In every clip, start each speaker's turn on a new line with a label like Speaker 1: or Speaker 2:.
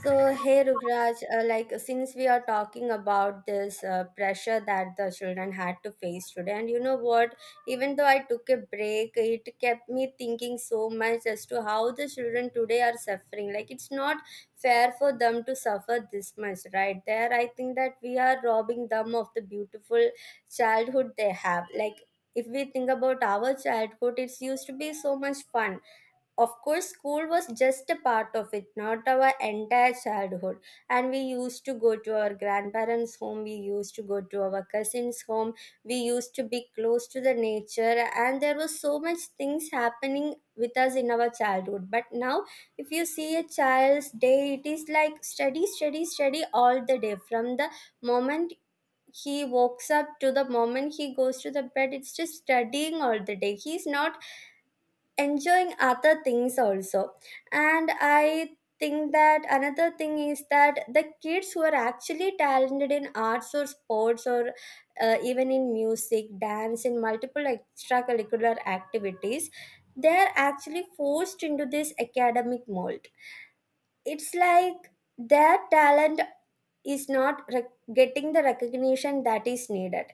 Speaker 1: So, hey Rukraj, like since we are talking about this pressure that the children had to face today, and you know what, even though I took a break, it kept me thinking so much as to how the children today are suffering. Like, it's not fair for them to suffer this much, right? There, I think that we are robbing them of the beautiful childhood they have. Like, if we think about our childhood, it used to be so much fun. Of course school was just a part of it, not our entire childhood, and we used to go to our grandparents home, we used to go to our cousins home, we used to be close to the nature, and there was so much things happening with us in our childhood. But now if you see a child's day, it is like study, study, study all the day, from the moment he wakes up to the moment he goes to the bed, it's just studying all the day. He's not enjoying other things also. And I think that another thing is that the kids who are actually talented in arts or sports or even in music, dance, in multiple extracurricular activities, they are actually forced into this academic mold. It's like their talent is not getting the recognition that is needed.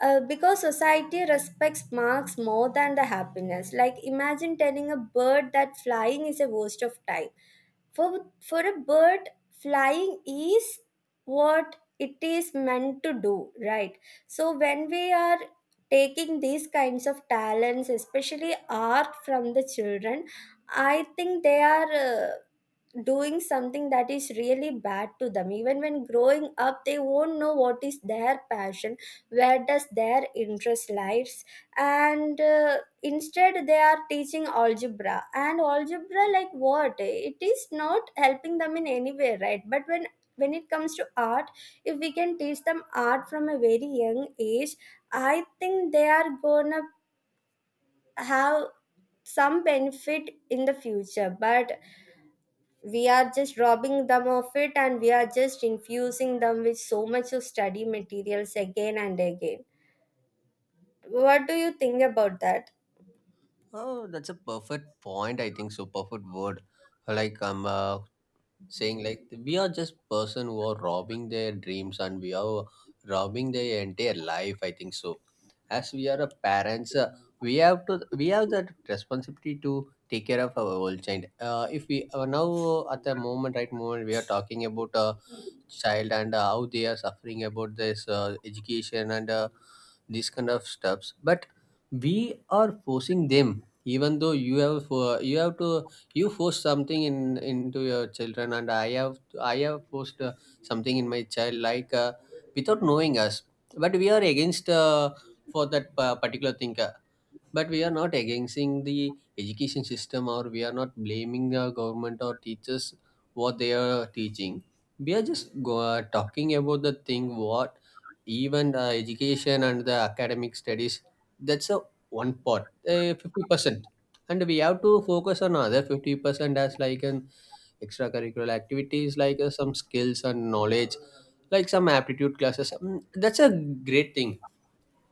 Speaker 1: Because society respects marks more than the happiness. Like, imagine telling a bird that flying is a waste of time. For a bird, flying is what it is meant to do, right? So when we are taking these kinds of talents, especially art, from the children, I think they are doing something that is really bad to them. Even when growing up, they won't know what is their passion, where does their interest lies. And instead they are teaching algebra and algebra, like, what? It is not helping them in any way, right? But when it comes to art, if we can teach them art from a very young age, I think they are gonna have some benefit in the future. But we are just robbing them of it, and we are just infusing them with so much of study materials again and again. What do you think about that?
Speaker 2: Oh, that's a perfect point. I think so. Perfect word. Like um, uh, Saying like we are just person who are robbing their dreams and we are robbing their entire life, I think so. As we are a parents, we have that responsibility to take care of our old child. If we now at the moment right moment we are talking about a child, and how they are suffering about this education, and these kind of stuffs. But we are forcing them even though you have to you force something in into your children. And I have forced something in my child, like without knowing us. But we are against, for that particular thing. But we are not against the education system, or we are not blaming the government or teachers what they are teaching. We are just talking about the thing what. Even the education and the academic studies, that's a one part, 50%, and we have to focus on other 50% as like an extracurricular activities, like some skills and knowledge, like some aptitude classes. Mm, that's a great thing.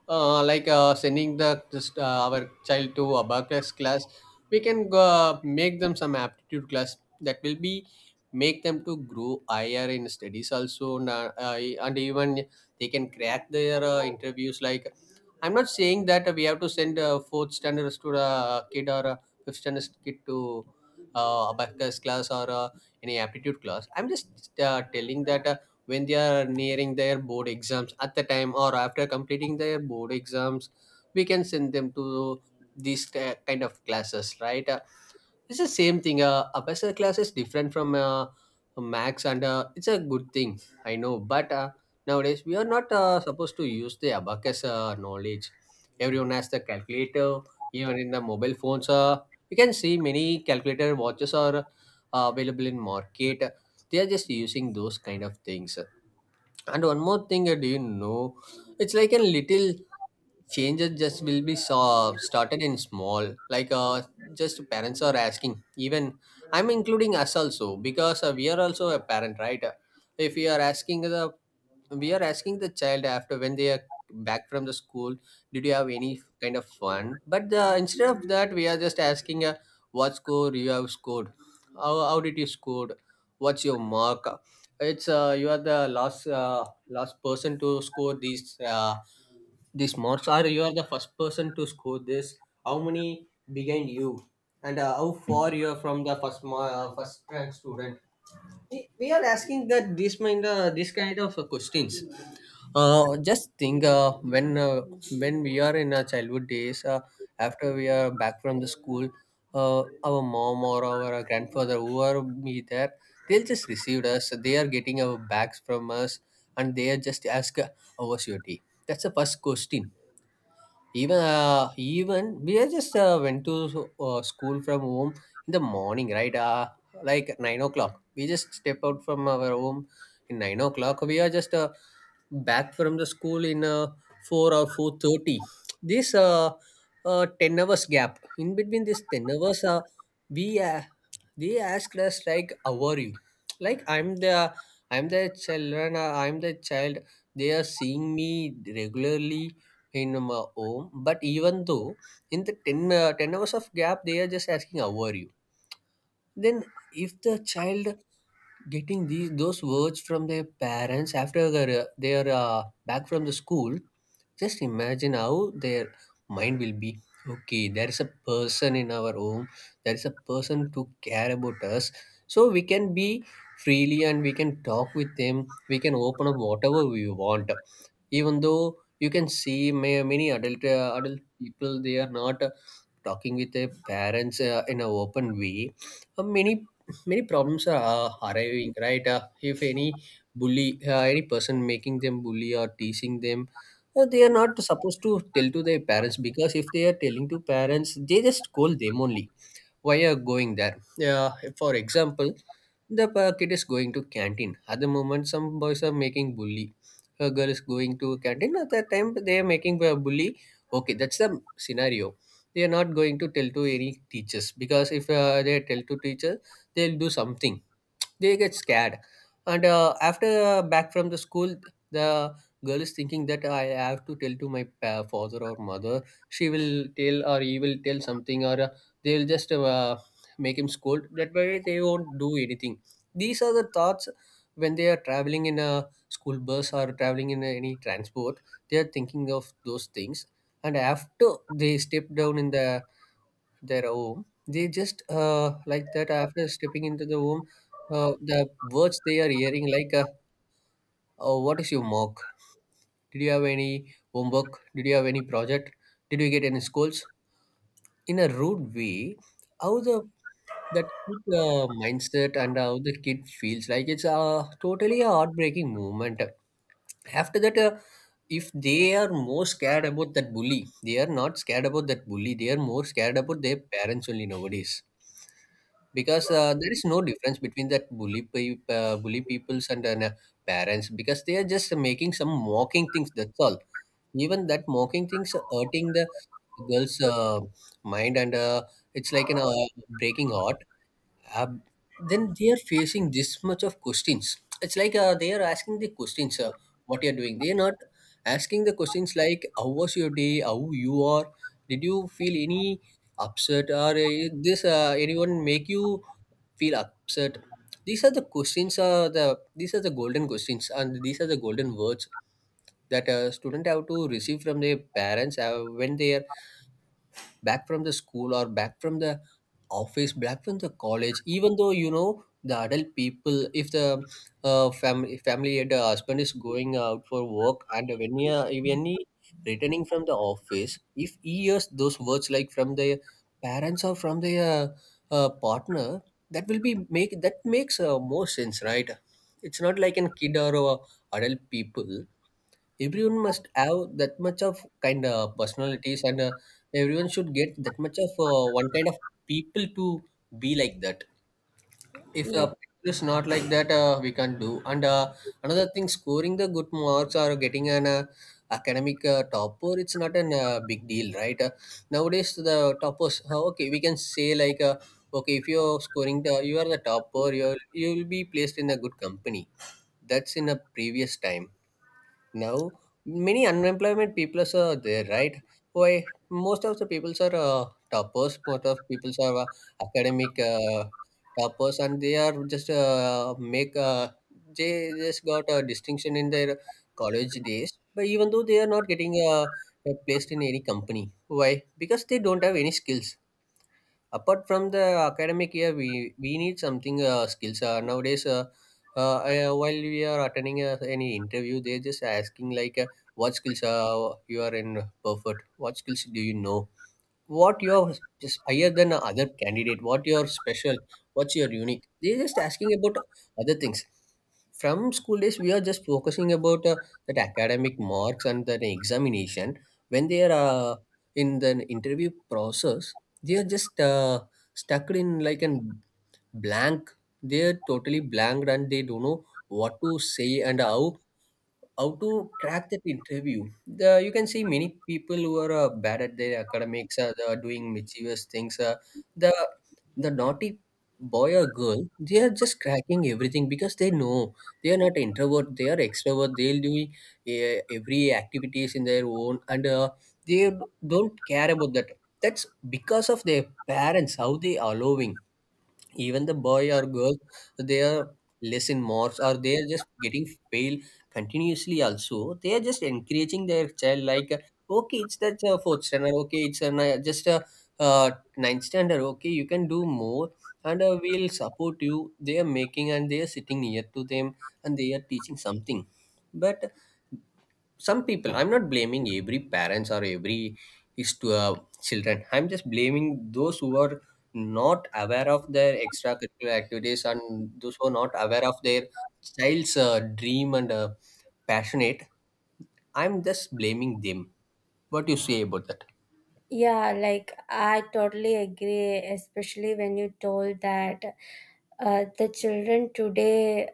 Speaker 2: Like sending the our child to abacus class, we can make them some aptitude class that will be make them to grow higher in studies also, and even they can crack their interviews. Like I'm not saying that we have to send a fourth standard to the kid or a fifth standard kid to abacus class or any aptitude class. I'm just telling that when they are nearing their board exams at the time, or after completing their board exams, we can send them to these kind of classes, right? It's the same thing. A personal class is different from, a max, and it's a good thing. I know, but nowadays we are not supposed to use the abacus knowledge. Everyone has the calculator, even in the mobile phones. You can see many calculator watches are available in market. They are just using those kind of things. And one more thing, do you know? It's like a little changes just will be so, started in small, like just parents are asking. Even I'm including us also, because we are also a parent, right? If we are asking the, we are asking the child after when they are back from the school, did you have any kind of fun? But instead of that we are just asking, what score you have scored, how did you scored, what's your mark. It's you are the last person to score these, these marks are, you are the first person to score this. How many behind you, and how far you are from the first first rank student? We are asking that this mind, this kind of questions. Just think, when we are in our childhood days, after we are back from the school, our mom or our grandfather, whoever be there, they'll just received us. They are getting our bags from us, and they are just ask, "How was your day?" That's the first question. Even even we are just went to school from home in the morning, right? Like 9 o'clock we just step out from our home, in 9 o'clock we are just back from the school in, 4 or 4:30. This, 10 hours gap. In between this 10 hours, we they asked us, like, how are you? Like I'm the children, I'm the child. They are seeing me regularly in my home, but even though in the 10 hours of gap they are just asking, how are you? Then if the child getting these those words from their parents after their, they are back from the school, just imagine how their mind will be. Okay, there is a person in our home, there is a person to care about us, so we can be freely and we can talk with them, we can open up whatever we want. Even though you can see many adult people, they are not talking with their parents in an open way. uh, many Many problems are arriving, right? If any bully, any person making them bully or teasing them, they are not supposed to tell to their parents, because if they are telling to parents they just scold them only. Why are going there? Yeah, for example, the kid is going to canteen. At the moment, some boys are making bully. A girl is going to canteen. At that time, they are making a bully. Okay, that's the scenario. They are not going to tell to any teachers, because if they tell to teacher, they'll do something, they get scared. And after back from the school, the girl is thinking that I have to tell to my father or mother. She will tell, or he will tell something, or they'll just make him scold, that way they won't do anything. These are the thoughts when they are traveling in a school bus or traveling in any transport, they are thinking of those things. And after they step down in the their home, they just like that, after stepping into the home, the words they are hearing, like, oh, "What is your mock? Did you have any homework? Did you have any project? Did you get any schools?" In a rude way. How the that kid mindset and how the kid feels, like it's totally a heartbreaking moment. After that, if they are more scared about that bully, they are not scared about that bully, they are more scared about their parents only nowadays. Because there is no difference between that bully peoples and parents, because they are just making some mocking things, that's all. Even that mocking things are hurting the girl's, mind, and it's like an breaking heart. uh, then they are facing this much of questions. It's like they are asking the questions, what you're doing. They're not asking the questions like, how was your day, how you are, did you feel any upset, or this anyone make you feel upset. These are the questions, these are the golden questions, and these are the golden words that a student have to receive from their parents when they are back from the school, or back from the office, back from the college. Even though, you know, the adult people, if the family, the husband is going out for work, and when he when he returning from the office, if he hears those words like from their parents, or from their, partner, that will be makes more sense, right? It's not like an kid or adult people, everyone must have that much of kind of personalities. And everyone should get that much of, one kind of people to be like that. If
Speaker 1: Yeah,
Speaker 2: a person is not like that, we can't do. And another thing, scoring the good marks or getting an, academic, topper, it's not an, big deal, right? Nowadays the toppers, okay, we can say like, okay if you're scoring the, you are the topper, you will be placed in a good company. That's in a previous time. Now many unemployment people are so there, right? Why? Most of the people are toppers, most of people are academic, toppers, and they are just make they just got a distinction in their college days, but even though they are not getting placed in any company. Why? Because they don't have any skills apart from the academic year. We need something, skills, nowadays, while we are attending any interview, they're just asking like, what skills you are in perfect, what skills do you know, what you're just higher than a other candidate, what you're special, what's your unique. They're just asking about other things. From school days we are just focusing about that academic marks and the examination. When they are in the interview process, they are just stuck in like an blank. They are totally blanked and they don't know what to say, and how to crack that interview. You can see many people who are bad at their academics. Uh, they are doing mischievous things. The the naughty boy or girl, they are just cracking everything because they know they are not introvert, they are extrovert. They'll do every activities in their own, and they don't care about that. That's because of their parents how they allowing even the boy or girl they are less in marks or they are just getting fail continuously, also they are just encouraging their child like, okay it's that fourth standard, okay it's a just a uh, ninth standard, okay you can do more and we'll support you. They are making and they are sitting near to them and they are teaching something. But some people, I'm not blaming every parents or every is to children, I'm just blaming those who are not aware of their extracurricular activities and those who are not aware of their child's dream and passionate. I'm just blaming them. What do you say about that?
Speaker 1: yeah, like, I totally agree, especially when you told that the children today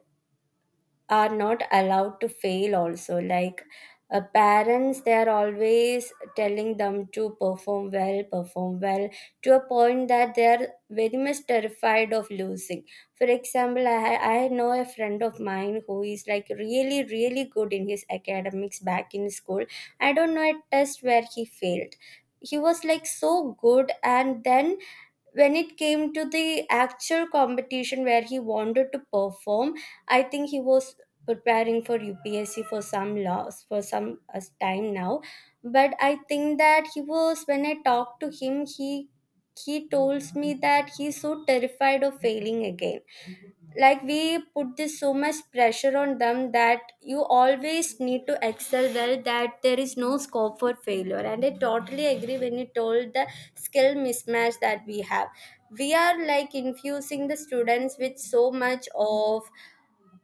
Speaker 1: are not allowed to fail also. Like, parents, they are always telling them to perform well, perform well, to a point that they are very much terrified of losing. For example, I know a friend of mine who is like really, really good in his academics back in school. I don't know a test where he failed. He was like so good, and then when it came to the actual competition where he wanted to perform, I think he was preparing for upsc for some loss, for some time now. But I think that he was, when I talked to him, he told me that he's so terrified of failing again. Like, we put this so much pressure on them that you always need to excel well, that there is no scope for failure. And I totally agree when you told the skill mismatch that we have. We are like infusing the students with so much of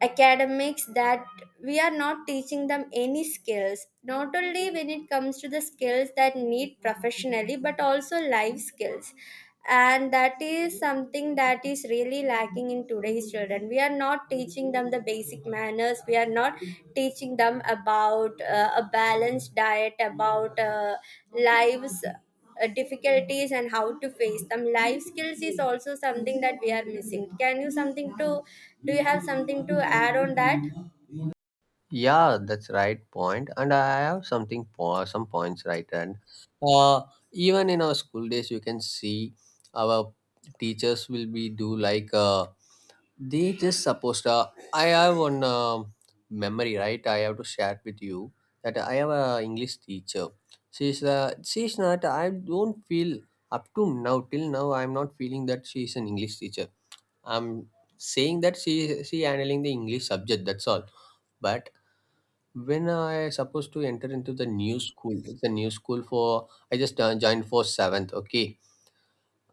Speaker 1: academics, that we are not teaching them any skills. Not only when it comes to the skills that need professionally, but also life skills. And that is something that is really lacking in today's children. We are not teaching them the basic manners, we are not teaching them about a balanced diet, about lives difficulties and how to face them. Life skills is also something that we are missing. Can you something to Do you have something to add on that?
Speaker 2: Yeah, that's right point. And I have something some points, right? And uh, even in our school days you can see our teachers will be do like they just supposed I have one memory, right? I have to share with you that I have a English teacher. She's not, I don't feel, up to now, till now I'm not feeling that she is an English teacher. I'm saying that she handling the English subject, that's all. But when I supposed to enter into the new school, it's a new school for, I just joined for seventh. Okay,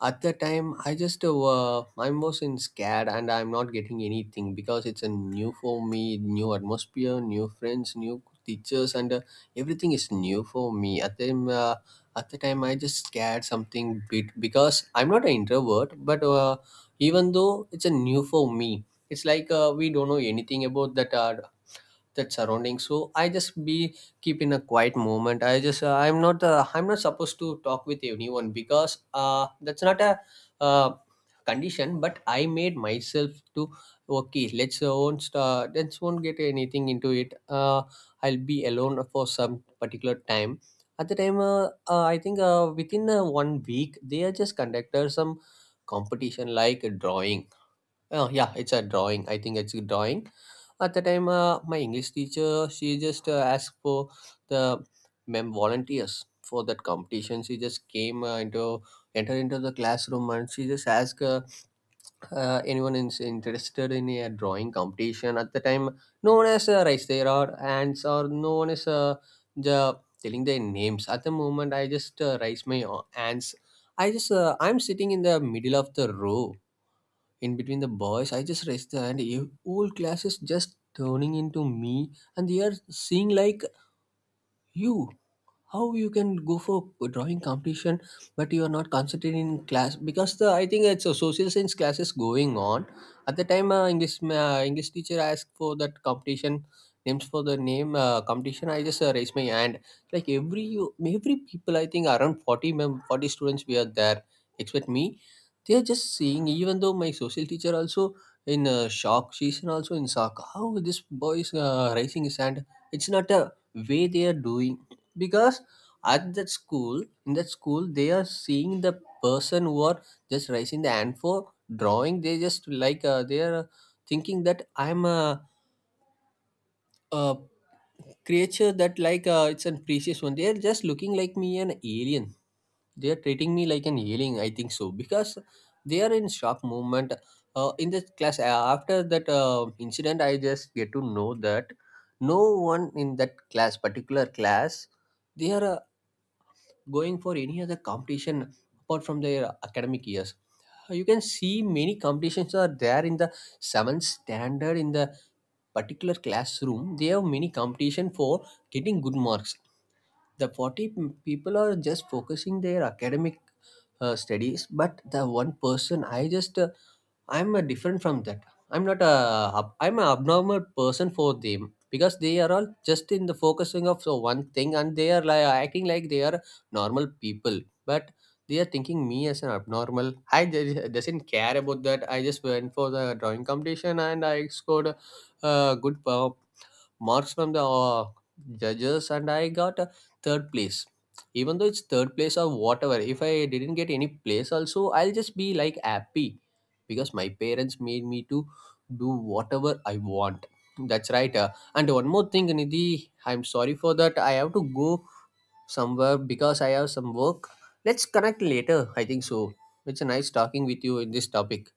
Speaker 2: at the time I just I was in scared and I'm not getting anything because it's a new for me, new atmosphere, new friends, new teachers, and everything is new for me. At the time, I just scared something bit because I'm not an introvert, but even though it's a new for me. It's like we don't know anything about that. That surrounding, so I just be keep in a quiet moment. I just I'm not supposed to talk with anyone because that's not a uh, condition. But I made myself to, okay, let's won't get anything into it. I'll be alone for some particular time. At the time, I think within one week they are just conducted some competition like a drawing. Oh yeah, it's a drawing, I think it's a drawing. At the time, my English teacher, she just asked for the mem volunteers for that competition. She just came into entered into the classroom and she just asked anyone is interested in a drawing competition. At the time, no one has raised their or hands, or no one is the telling their names. At the moment, I just raised my hands. I just I'm sitting in the middle of the row, in between the boys. I just raised the hand. Whole class is just turning into me and they are seeing like, you, how you can go for drawing competition, but you are not concentrating in class, because the, I think it's a social science class is going on. At the time English teacher asked for that competition names. For the name competition, I just raised my hand. Like every people, I think around 40 students, we are there except me. They are just seeing, even though my social teacher also in shock, she's in, also in shock, how this boy is raising his hand. It's not a way they are doing because at that school in that school they are seeing the person who are just raising the hand for drawing. They just like, they are thinking that I'm a creature, that like it's a precious one. They are just looking like me an alien. They are treating me like an alien, I think so, because they are in shock moment. In the class, after that incident, I just get to know that no one in that class particular class they are going for any other competition apart from their academic years. You can see many competitions are there in the seventh standard in the particular classroom. They have many competition for getting good marks. The 40 people are just focusing their academic studies, but the one person, I'm different from that. I'm not a, I'm an abnormal person for them because they are all just in the focusing of so one thing and they are like acting like they are normal people, but they are thinking me as an abnormal. I doesn't care about that. I just went for the drawing competition and I scored a good marks from the judges, and I got a third place. Even though it's third place or whatever, if I didn't get any place also, I'll just be like happy because my parents made me to do whatever I want. That's right. And one more thing, Nidhi, I'm sorry for that, I have to go somewhere because I have some work. Let's connect later, I think so. It's nice talking with you in this topic.